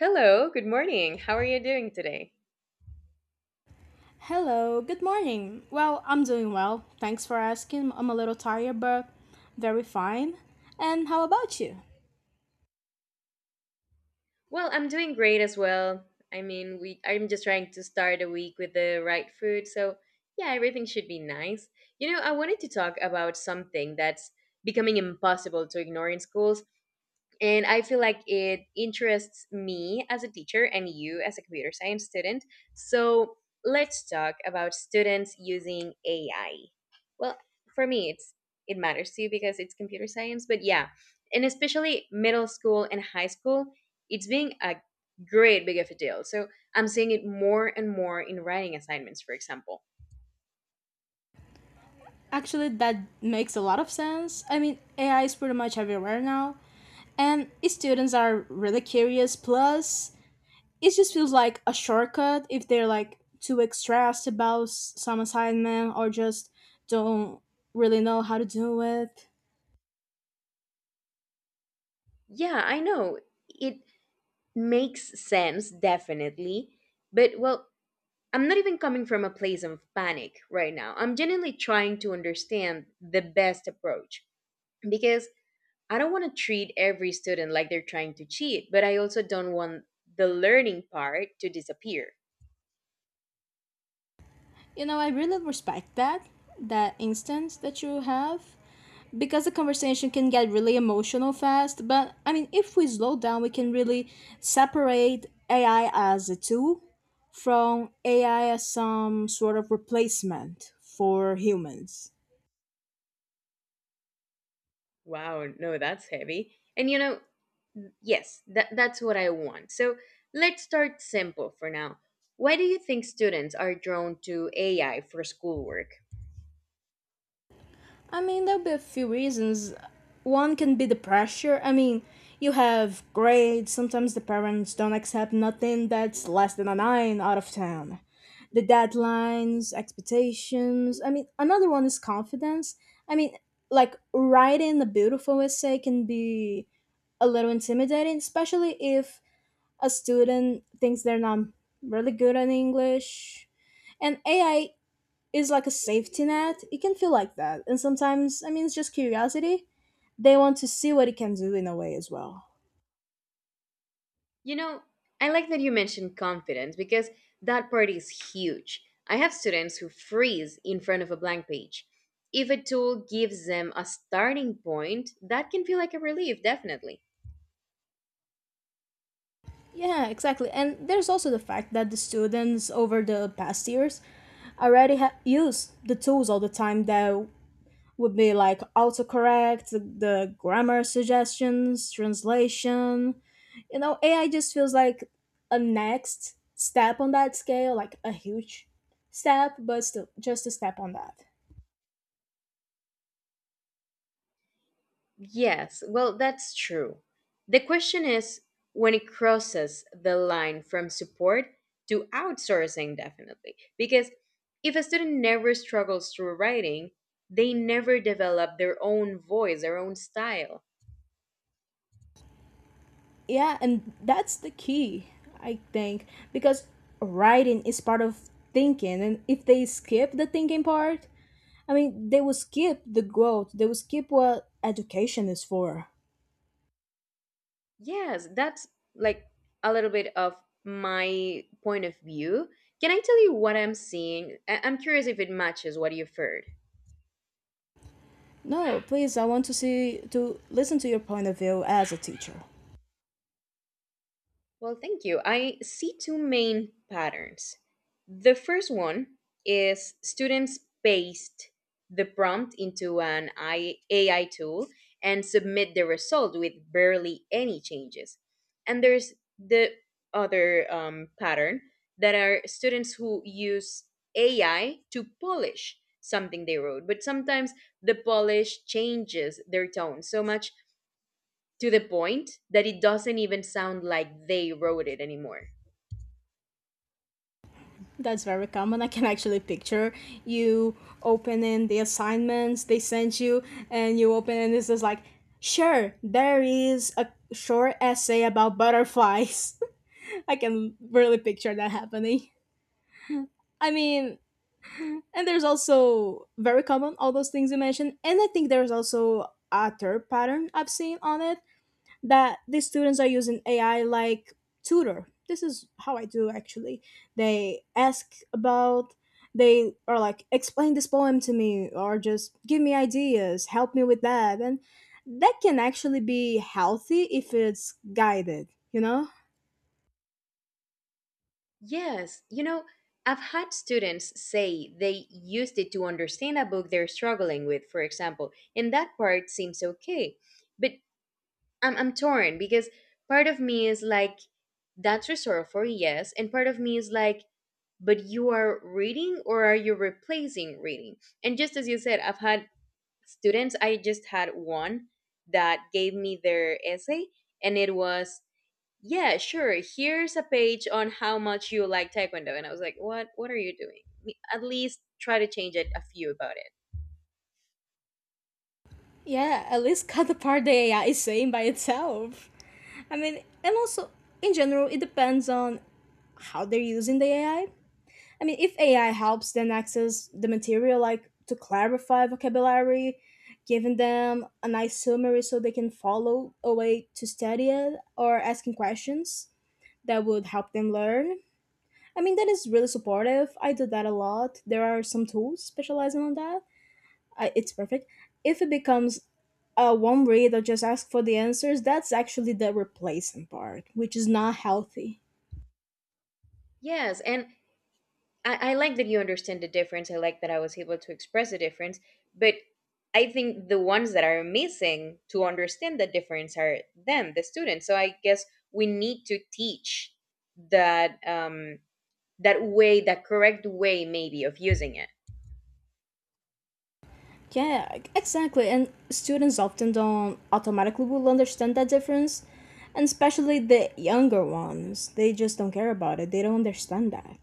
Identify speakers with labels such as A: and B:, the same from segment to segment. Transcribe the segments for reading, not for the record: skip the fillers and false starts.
A: Hello, good morning. How are you doing today?
B: Hello, good morning. Well, I'm doing well. Thanks for asking. I'm a little tired, but very fine. And how about you?
A: Well, I'm doing great as well. I mean, we I'm just trying to start a week with the right food, so yeah, everything should be nice. You know, I wanted to talk about something that's becoming impossible to ignore in schools. And I feel like it interests me as a teacher and you as a computer science student. So let's talk about students using AI. Well, for me, it matters to you because it's computer science, but yeah, and especially middle school and high school, it's being a great big of a deal. So I'm seeing it more and more in writing assignments, for example.
B: Actually, that makes a lot of sense. AI is pretty much everywhere now, and students are really curious. Plus, it just feels like a shortcut if they're like too stressed about some assignment or just don't really know how to do it.
A: Yeah, I know it makes sense definitely, but well, I'm not even coming from a place of panic right now. I'm genuinely trying to understand the best approach because I don't want to treat every student like they're trying to cheat, but I also don't want the learning part to disappear.
B: You know, I really respect that instance that you have because the conversation can get really emotional fast. But I mean, if we slow down, we can really separate AI as a tool from AI as some sort of replacement for humans.
A: Wow, no, that's heavy. And you know, yes, that's what I want. So let's start simple for now. Why do you think students are drawn to AI for schoolwork?
B: I mean, there'll be a few reasons. One can be the pressure. I mean, you have grades. Sometimes the parents don't accept nothing that's less than a 9 out of 10. The deadlines, expectations. I mean, another one is confidence. I mean, like writing a beautiful essay can be a little intimidating, especially if a student thinks they're not really good at English. And AI is like a safety net. It can feel like that. And sometimes, I mean, it's just curiosity. They want to see what it can do in a way as well.
A: You know, I like that you mentioned confidence because that part is huge. I have students who freeze in front of a blank page. If a tool gives them a starting point, that can feel like a relief, definitely.
B: Yeah, exactly. And there's also the fact that the students over the past years already use the tools all the time that would be like autocorrect, the grammar suggestions, translation. You know, AI just feels like a next step on that scale, like a huge step, but still just a step on that.
A: Yes, well, that's true. The question is when it crosses the line from support to outsourcing, definitely. Because if a student never struggles through writing, they never develop their own voice, their own style.
B: Yeah, and that's the key, I think, because writing is part of thinking, and if they skip the thinking part, I mean, they will skip the growth. They will skip what education is for.
A: Yes, that's like a little bit of my point of view. Can I tell you what I'm seeing? I'm curious if it matches what you've heard.
B: No, please, I want to see to listen to your point of view as a teacher.
A: Well, thank you. I see two main patterns. The first one is students paste the prompt into an AI tool and submit the result with barely any changes. And there's the other pattern that are students who use AI to polish something they wrote, but sometimes the polish changes their tone so much to the point that it doesn't even sound like they wrote it anymore.
B: That's very common. I can actually picture you opening the assignments they sent you, and you open and it's just like, sure, there is a short essay about butterflies. I can really picture that happening. I mean, and there's also very common all those things you mentioned, and I think there's also a third pattern I've seen on it that the students are using AI like tutor. This is how I do actually. They ask about they are like explain this poem to me or just give me ideas, help me with that. And that can actually be healthy if it's guided, you know?
A: Yes, you know, I've had students say they used it to understand a book they're struggling with, for example, and that part seems okay. But I'm torn because part of me is like, that's resourceful, yes, and part of me is like, but you are reading or are you replacing reading? And just as you said, I've had students, I just had one that gave me their essay, and it was, yeah, sure, here's a page on how much you like taekwondo. And I was like, what are you doing? At least try to change it a few about it.
B: Yeah, at least cut the part the AI is saying by itself. I mean, and also in general, it depends on how they're using the AI. I mean, if AI helps them access the material, like to clarify vocabulary, giving them a nice summary so they can follow a way to study it, or asking questions that would help them learn. I mean, that is really supportive. I do that a lot. There are some tools specializing on that. I, it's perfect. If it becomes a one read or just ask for the answers, that's actually the replacement part, which is not healthy.
A: Yes, and I like that you understand the difference. I like that I was able to express the difference, but I think the ones that are missing to understand the difference are them, the students. So I guess we need to teach that, that way, that correct way maybe of using it.
B: Yeah, exactly. And students often don't automatically will understand that difference, and especially the younger ones. They just don't care about it. They don't understand that.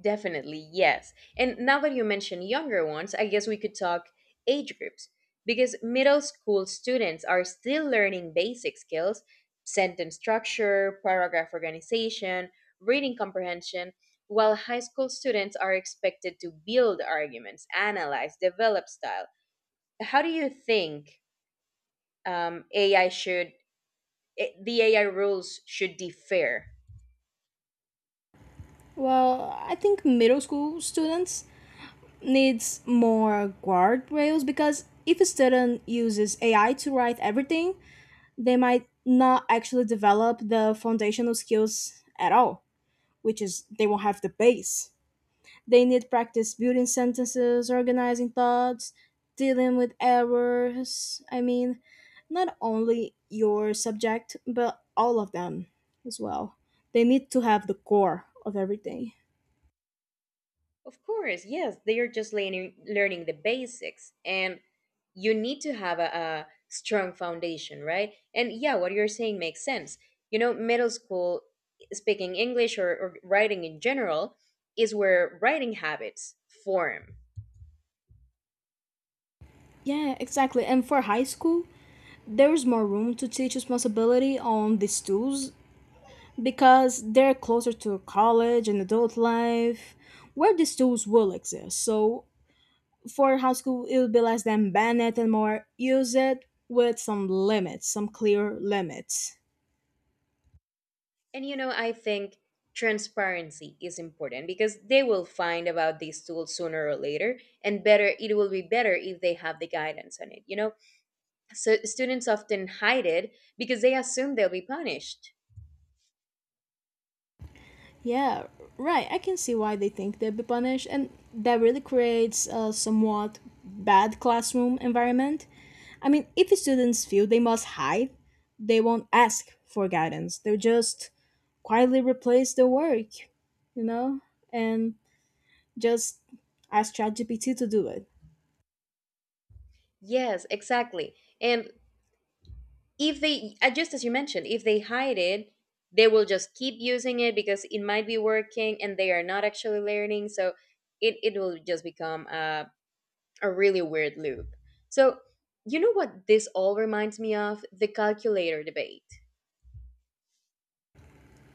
A: Definitely, yes. And now that you mention younger ones, I guess we could talk age groups, because middle school students are still learning basic skills, sentence structure, paragraph organization, reading comprehension, while high school students are expected to build arguments, analyze, develop style. How do you think AI should, the AI rules should differ?
B: Well, I think middle school students needs more guardrails because if a student uses AI to write everything, they might not actually develop the foundational skills at all, which is they won't have the base. They need practice building sentences, organizing thoughts, dealing with errors. I mean, not only your subject, but all of them as well. They need to have the core of everything.
A: Of course, yes, they are just learning, learning the basics. And you need to have a strong foundation, right? And yeah, what you're saying makes sense. You know, middle school, speaking English, or writing in general, is where writing habits form.
B: Yeah, exactly. And for high school, there is more room to teach responsibility on these tools because they're closer to college and adult life, where these tools will exist. So for high school, it will be less than ban it and more use it with some limits, some clear limits.
A: And you know, I think transparency is important because they will find about these tools sooner or later, and better it will be better if they have the guidance on it, you know? So students often hide it because they assume they'll be punished.
B: Yeah, right. I can see why they think they'd be punished, and that really creates a somewhat bad classroom environment. I mean, if the students feel they must hide, they won't ask for guidance. They'll just quietly replace the work, you know? And just ask ChatGPT to do it.
A: Yes, exactly. And if they just as you mentioned, if they hide it, they will just keep using it because it might be working and they are not actually learning. So it will just become a really weird loop. So you know what, this all reminds me of the calculator debate.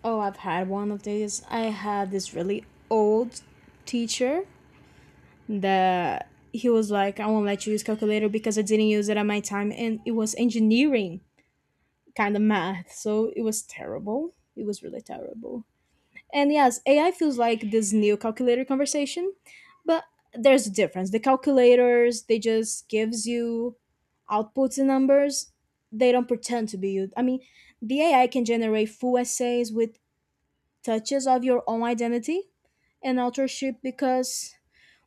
B: Oh, I've had one of these. I had this really old teacher that he was like, I won't let you use calculator because I didn't use it at my time, and it was engineering kind of math, so it was terrible. It was really terrible. And yes, AI feels like this new calculator conversation, but there's a difference. The calculators, they just gives you outputs and numbers. They don't pretend to be you. I mean, the AI can generate full essays with touches of your own identity and authorship because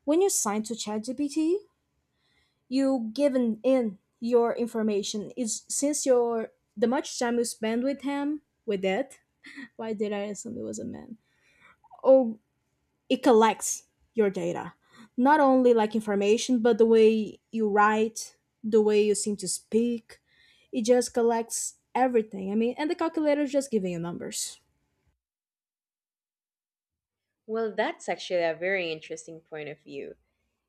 B: when you sign to ChatGPT, you given in your information. Is since your the much time you spend with him with it. Why did I assume it was a man? Oh, it collects your data, not only like information but the way you write, the way you seem to speak. It just collects everything. I mean, and the calculator is just giving you numbers,
A: Well, that's actually a very interesting point of view.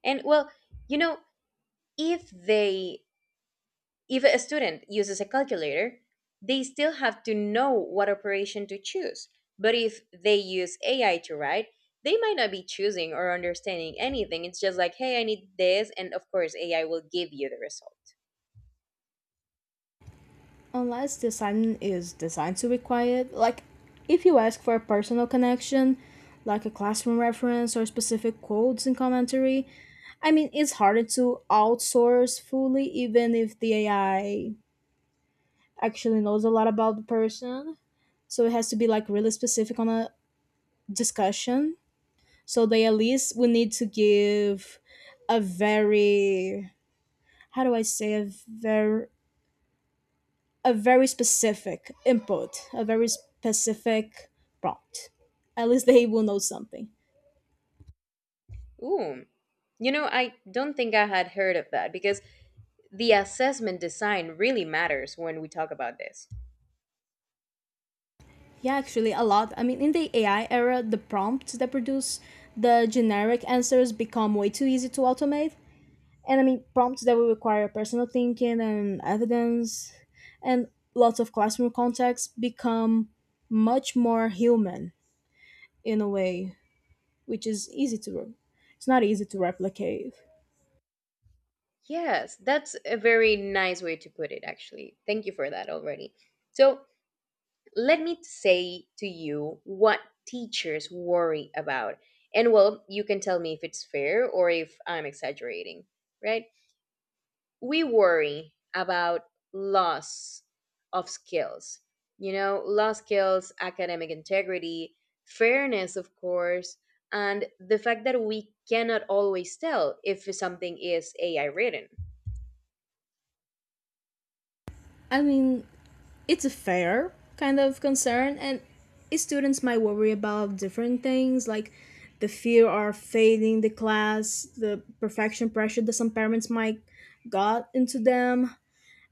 A: And well, you know, if they If a student uses a calculator, they still have to know what operation to choose. But if they use AI to write, they might not be choosing or understanding anything. It's just like, hey, I need this. And of course, AI will give you the result.
B: unless the assignment is designed to be quiet, like if you ask for a personal connection like a classroom reference or specific quotes and commentary. I mean, it's harder to outsource fully, even if the AI actually knows a lot about the person, so it has to be like really specific on a discussion. So they at least would need to give a very, how do I say, a very, a very specific input, a very specific prompt. At least they will know something.
A: Ooh. You know, I don't think I had heard of that because the assessment design really matters when we talk about this.
B: Yeah, actually, a lot. I mean, in the AI era, the prompts that produce the generic answers become way too easy to automate. And I mean prompts that will require personal thinking and evidence and lots of classroom context become much more human in a way, which is easy to, it's not easy to replicate.
A: Yes, that's a very nice way to put it, actually. Thank you for that already. So, let me say to you what teachers worry about. And well, you can tell me if it's fair or if I'm exaggerating, right? We worry about loss of skills, you know, lost skills, academic integrity, fairness, of course, and the fact that we cannot always tell if something is AI written.
B: I mean, it's a fair kind of concern, and students might worry about different things like the fear of failing the class, the perfection pressure that some parents might got into them,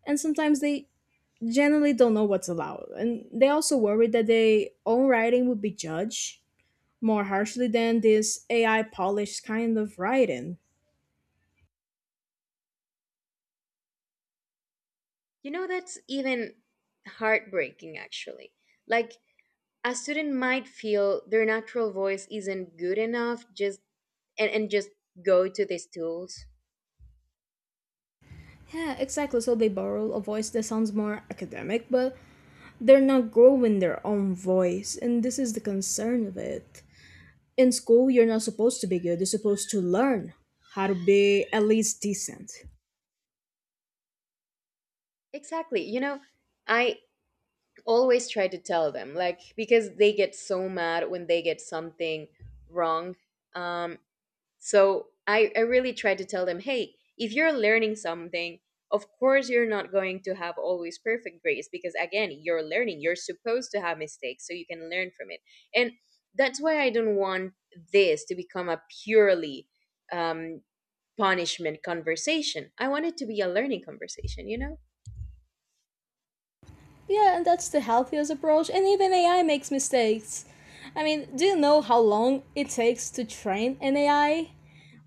B: and sometimes they generally don't know what's allowed. And they also worry that their own writing would be judged more harshly than this AI polished kind of writing.
A: You know, that's even heartbreaking, actually. Like, a student might feel their natural voice isn't good enough, just and just go to these tools.
B: Yeah, exactly. So they borrow a voice that sounds more academic, but they're not growing their own voice. And this is the concern of it. In school, you're not supposed to be good, you're supposed to learn how to be at least decent.
A: Exactly, you know, I always try to tell them, like, because they get so mad when they get something wrong. um So I really try to tell them, hey, if you're learning something, of course you're not going to have always perfect grades because, again, you're learning. You're supposed to have mistakes so you can learn from it. And that's why I don't want this to become a purely um, punishment conversation. I want it to be a learning conversation, you know?
B: Yeah, and that's the healthiest approach. And even AI makes mistakes. I mean, do you know how long it takes to train an AI?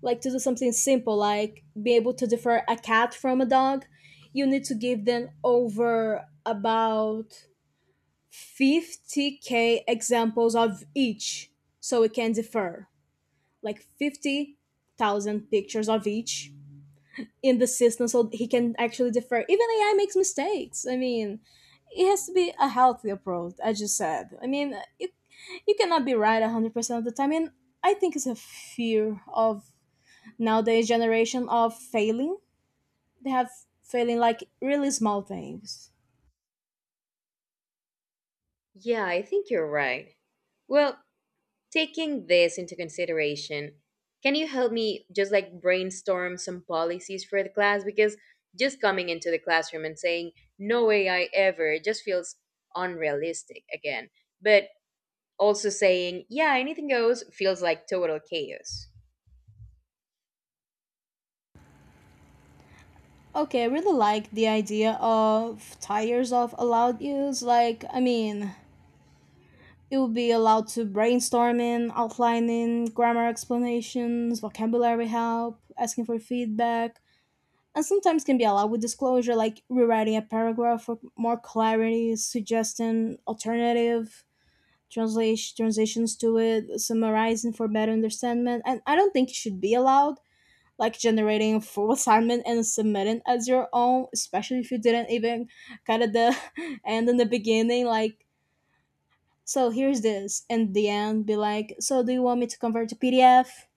B: Like to do something simple like be able to differ a cat from a dog, you need to give them over about 50K examples of each, so it can differ, like 50,000 pictures of each in the system so he can actually differ. Even AI makes mistakes. I mean, it has to be a healthy approach, as you said. I mean, you cannot be right 100% of the time, and I think it's a fear of nowadays generation of failing. They have failing like really small things.
A: Yeah, I think you're right. Well, taking this into consideration, can you help me just like brainstorm some policies for the class? Because just coming into the classroom and saying no AI ever just feels unrealistic again. But also saying, yeah, anything goes feels like total chaos.
B: Okay, I really like the idea of tires of allowed use. Like, I mean, it will be allowed to brainstorming, outlining, grammar explanations, vocabulary help, asking for feedback. And sometimes can be allowed with disclosure, like rewriting a paragraph for more clarity, suggesting alternative translations to it, summarizing for better understanding. And I don't think it should be allowed, like generating a full assignment and submitting as your own, especially if you didn't even kind of the end in the beginning, like so here's this and the end be like, so do you want me to convert to PDF?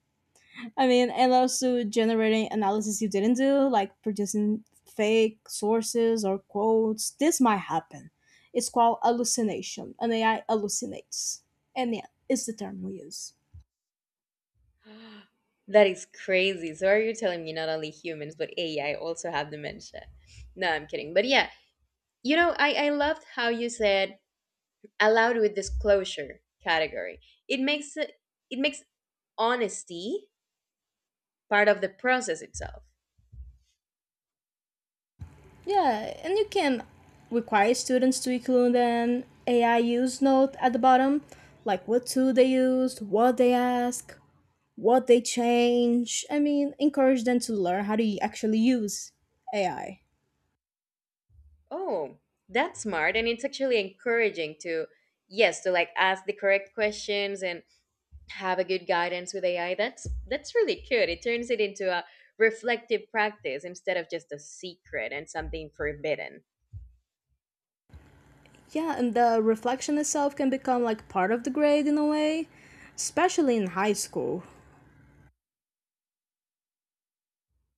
B: I mean, and also generating analysis you didn't do, like producing fake sources or quotes. This might happen. It's called hallucination. An AI hallucinates. And yeah, it's the term we use.
A: That is crazy. So are you telling me not only humans but AI also have dementia? No, I'm kidding. But yeah, you know, I loved how you said allowed with disclosure category. It makes it, it makes honesty part of the process itself.
B: Yeah, and you can require students to include an AI use note at the bottom, like what tool they used, what they ask, what they change. I mean, encourage them to learn how to actually use AI.
A: Oh, that's smart, and it's actually encouraging to, yes, to like ask the correct questions and have a good guidance with AI. That's really good. It turns it into a reflective practice instead of just a secret and something forbidden.
B: Yeah, and the reflection itself can become like part of the grade in a way, especially in high school.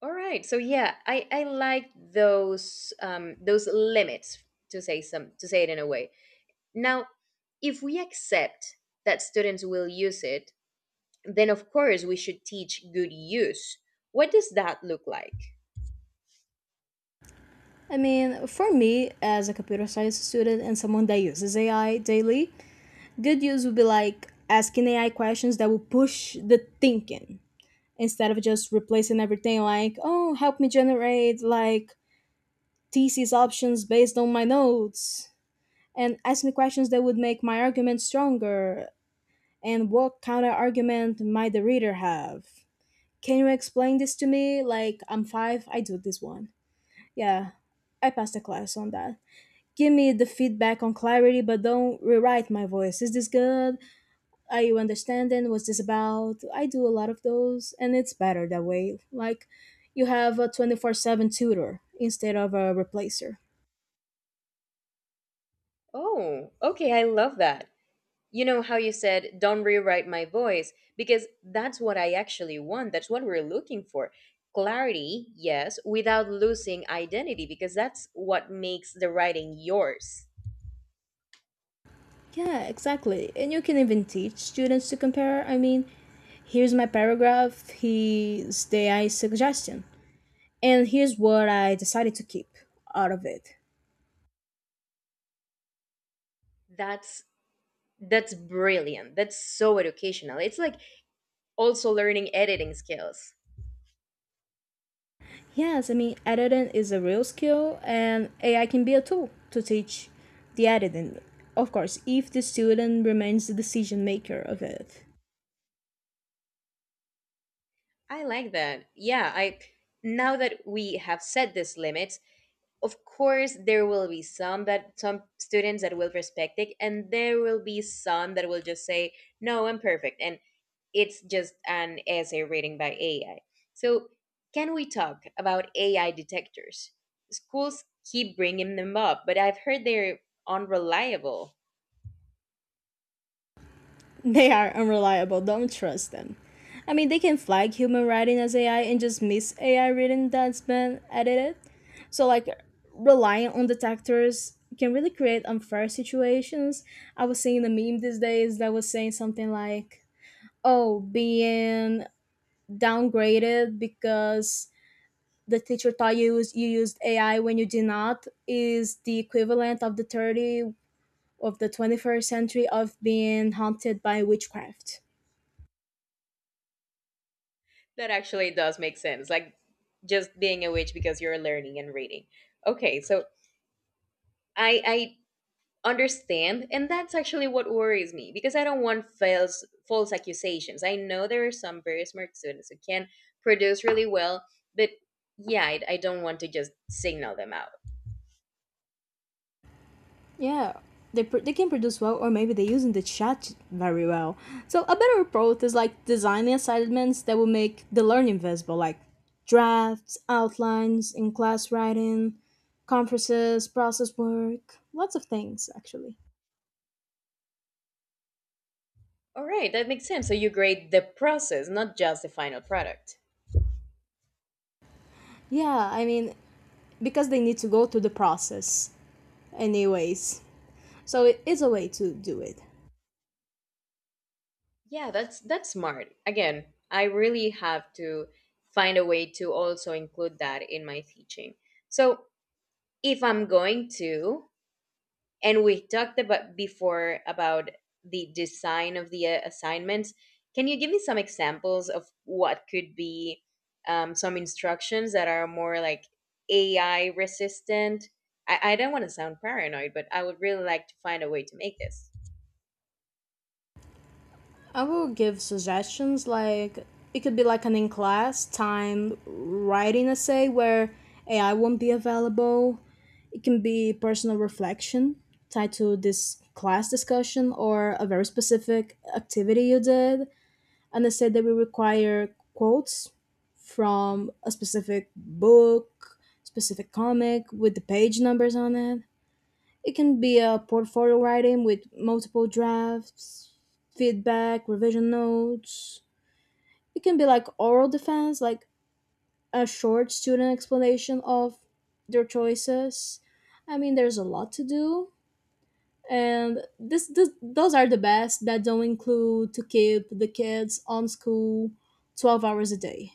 A: All right, so yeah, I like those limits, to say some, to say it in a way. Now, if we accept that students will use it, then of course we should teach good use. What does that look like?
B: I mean, for me, as a computer science student and someone that uses AI daily, good use would be like asking AI questions that will push the thinking instead of just replacing everything like, oh, help me generate like thesis options based on my notes and ask me questions that would make my argument stronger and what counter argument might the reader have. Can you explain this to me? Like, I'm five, I do this one. Yeah, I passed the class on that. Give me the feedback on clarity, but don't rewrite my voice. Is this good? Are you understanding? What's this about? I do a lot of those, and it's better that way. Like, you have a 24/7 tutor instead of a replacer.
A: Oh, okay, I love that. You know how you said, don't rewrite my voice, because that's what I actually want. That's what we're looking for. Clarity, yes, without losing identity, because that's what makes the writing yours.
B: Yeah, exactly. And you can even teach students to compare. Here's my paragraph, here's the AI suggestion. And here's what I decided to keep out of it.
A: That's that's brilliant. That's so educational. It's like also learning editing skills.
B: Yes, editing is a real skill, and AI can be a tool to teach the editing. Of course, if the student remains the decision maker of it,
A: I like that. Yeah, I, now that we have set this limit, of course there will be some, that some students that will respect it and there will be some that will just say, "No, I'm perfect." And it's just an essay rating by AI. So, can we talk about AI detectors? Schools keep bringing them up, but I've heard they're unreliable.
B: they are unreliable, don't trust them. I mean, they can flag human writing as AI and just miss AI writing that's been edited. So, like, relying on detectors can really create unfair situations. I was seeing a meme these days that was saying something like, oh, being downgraded because the teacher taught you you used AI when you did not is the equivalent of the 30 of the 21st century of being haunted by witchcraft.
A: That actually does make sense. Like, just being a witch because you're learning and reading. Okay, so I understand, and that's actually what worries me, because I don't want false accusations. I know there are some very smart students who can produce really well, but yeah, I don't want to just signal them out.
B: Yeah, they can produce well, or maybe they using the chat very well. So a better approach is like designing assignments that will make the learning visible, like drafts, outlines, in class writing, conferences, process work, lots of things actually.
A: All right, that makes sense, so you grade the process, not just the final product.
B: Yeah, because they need to go through the process anyways. So it is a way to do it.
A: Yeah, that's smart again. I really have to find a way to also include that in my teaching. So if I'm going to, and we talked about before about the design of the assignments, can you give me some examples of what could be some instructions that are more like AI resistant? I don't want to sound paranoid, but I would really like to find a way to make this.
B: I will give suggestions like, it could be like an in class time writing essay where AI won't be available. It can be personal reflection tied to this class discussion or a very specific activity you did, and they said that we require quotes from a specific book, specific comic with the page numbers on it. It can be a portfolio writing with multiple drafts, feedback, revision notes. It can be like oral defense, like a short student explanation of their choices. I mean, there's a lot to do, and this those are the best that don't include to keep the kids on school 12 hours a day,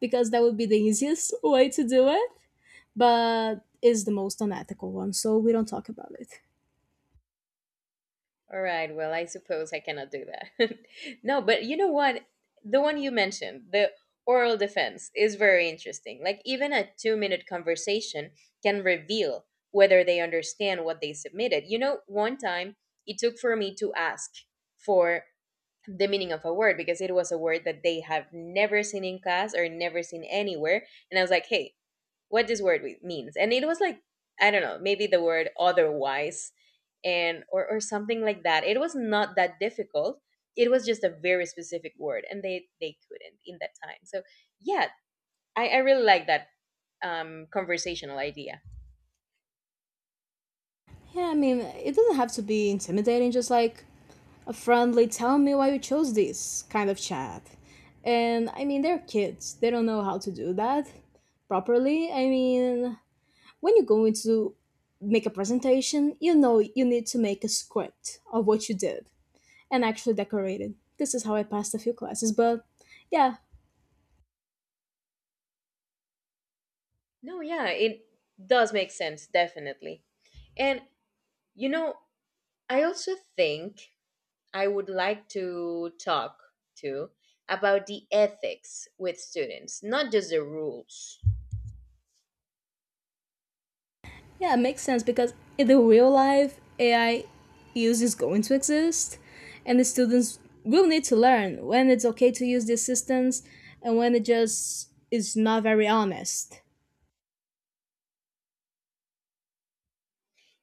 B: because that would be the easiest way to do it, but is the most unethical one, so we don't talk about it.
A: All right. Well, I suppose I cannot do that. No, but you know what? The one you mentioned, the oral defense, is very interesting. Like, even a 2 minute conversation can reveal whether they understand what they submitted. You know, one time it took for me to ask for the meaning of a word because it was a word that they have never seen in class or never seen anywhere. And I was like, hey, what this word means? And it was like, I don't know, maybe the word otherwise and or something like that. It was not that difficult, it was just a very specific word and they couldn't in that time. So yeah, I really like that conversational idea.
B: Yeah, it doesn't have to be intimidating, just like a friendly, tell me why you chose this kind of chat. And I mean, they're kids, they don't know how to do that properly. I mean, when you're going to make a presentation, you know you need to make a script of what you did and actually decorate it. This is how I passed a few classes, but yeah.
A: No, yeah, it does make sense, definitely. And you know, I also think I would like to talk to about the ethics with students, not just the rules.
B: Yeah, it makes sense because in the real life, AI use is going to exist, and the students will need to learn when it's okay to use the assistance and when it just is not very honest.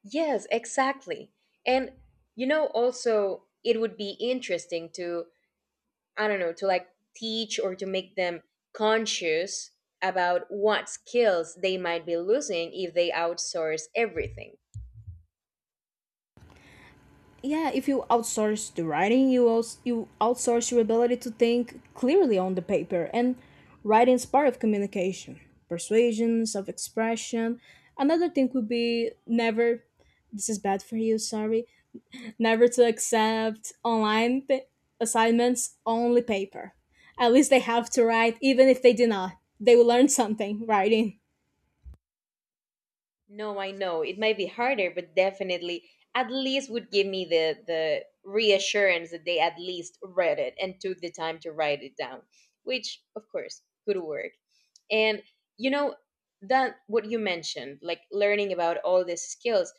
A: Yes, exactly. And you know, also it would be interesting to, I don't know, to like teach or to make them conscious about what skills they might be losing if they outsource everything.
B: Yeah, if you outsource the writing, you also, you outsource your ability to think clearly on the paper, and writing is part of communication, persuasion, self expression. Another thing would be never. This is bad for you. Sorry, never to accept online assignments, only paper. At least they have to write, even if they do not. They will learn something writing.
A: No, I know it might be harder, but definitely at least would give me the reassurance that they at least read it and took the time to write it down, which of course could work. And you know, that what you mentioned, like learning about all these skills,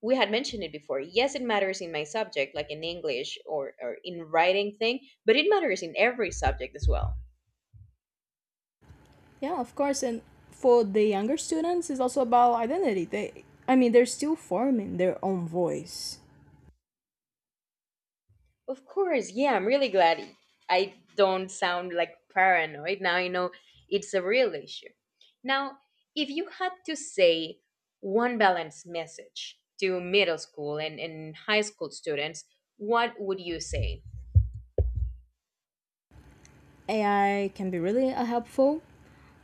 A: we had mentioned it before. Yes, it matters in my subject, like in English, or in writing thing, but it matters in every subject as well.
B: Yeah, of course. And for the younger students, it's also about identity. They, I mean, they're still forming their own voice.
A: Of course, yeah, I'm really glad I don't sound like paranoid now. I know it's a real issue now. If you had to say one balanced message to middle school and high school students, what would you say?
B: AI can be really helpful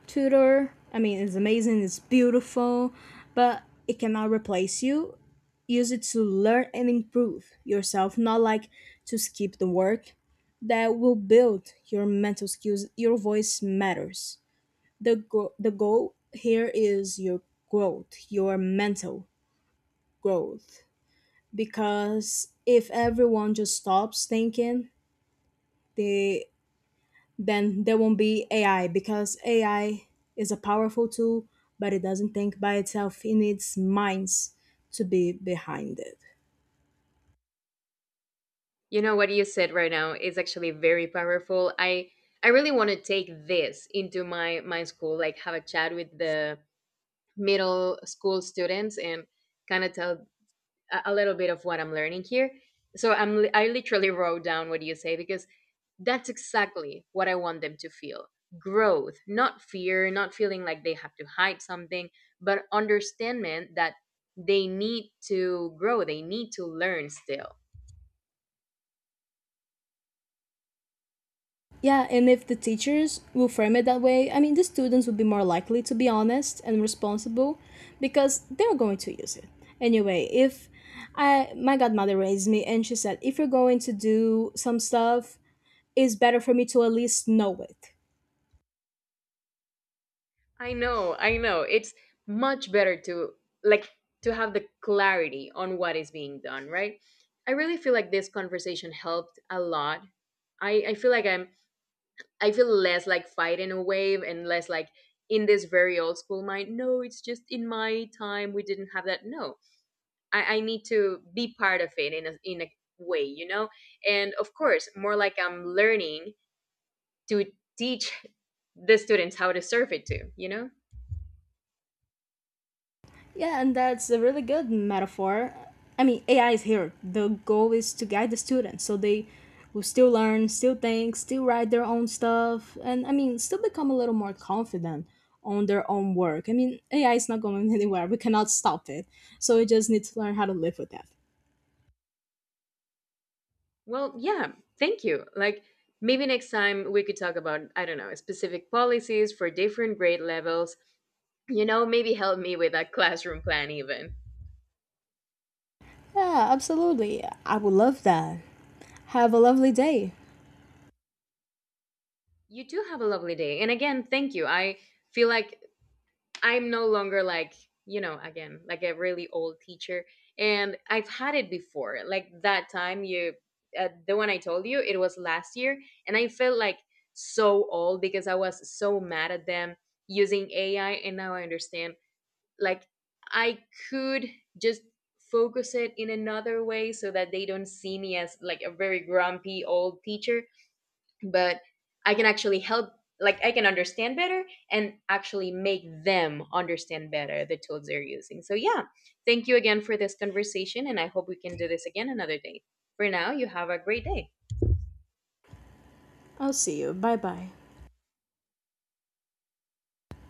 B: tutor. I mean, it's amazing, it's beautiful, but it cannot replace you. Use it to learn and improve yourself, not like to skip the work that will build your mental skills. Your voice matters. The goal here is your growth, your mental growth. Because if everyone just stops thinking, they, then there won't be AI, because AI is a powerful tool, but it doesn't think by itself. It needs minds to be behind it.
A: You know what you said right now is actually very powerful. I really want to take this into my school, like have a chat with the middle school students and kind of tell a little bit of what I'm learning here. So I literally wrote down what you say because that's exactly what I want them to feel. Growth, not fear, not feeling like they have to hide something, but understanding that they need to grow, they need to learn still.
B: Yeah, and if the teachers will frame it that way, I mean, the students will be more likely to be honest and responsible because they're going to use it. Anyway, if I my godmother raised me and she said, if you're going to do some stuff, it's better for me to at least know it.
A: I know, I know. It's much better to, like, to have the clarity on what is being done, right? I really feel like this conversation helped a lot. I feel like I feel less like fighting a wave and less like in this very old school mind. No, it's just in my time we didn't have that. No, I need to be part of it in a way, you know. And of course, more like I'm learning to teach the students how to surf it too, you know.
B: Yeah, and that's a really good metaphor. I mean, AI is here. The goal is to guide the students so they will still learn, still think, still write their own stuff, and I mean, still become a little more confident on their own work. I mean, AI is not going anywhere. We cannot stop it. So we just need to learn how to live with that.
A: Well, yeah, thank you. Like maybe next time we could talk about, I don't know, specific policies for different grade levels. You know, maybe help me with that classroom plan even.
B: Yeah, absolutely. I would love that. Have a lovely day.
A: You do have a lovely day. And again, thank you. I feel like I'm no longer like, you know, again, like a really old teacher. And I've had it before. Like that time the one I told you, it was last year. And I felt like so old because I was so mad at them using AI. And now I understand, like, I could just focus it in another way so that they don't see me as like a very grumpy old teacher, but I can actually help, like I can understand better and actually make them understand better the tools they're using. So yeah, thank you again for this conversation and I hope we can do this again another day. For now, you have a great day.
B: I'll see you. Bye bye.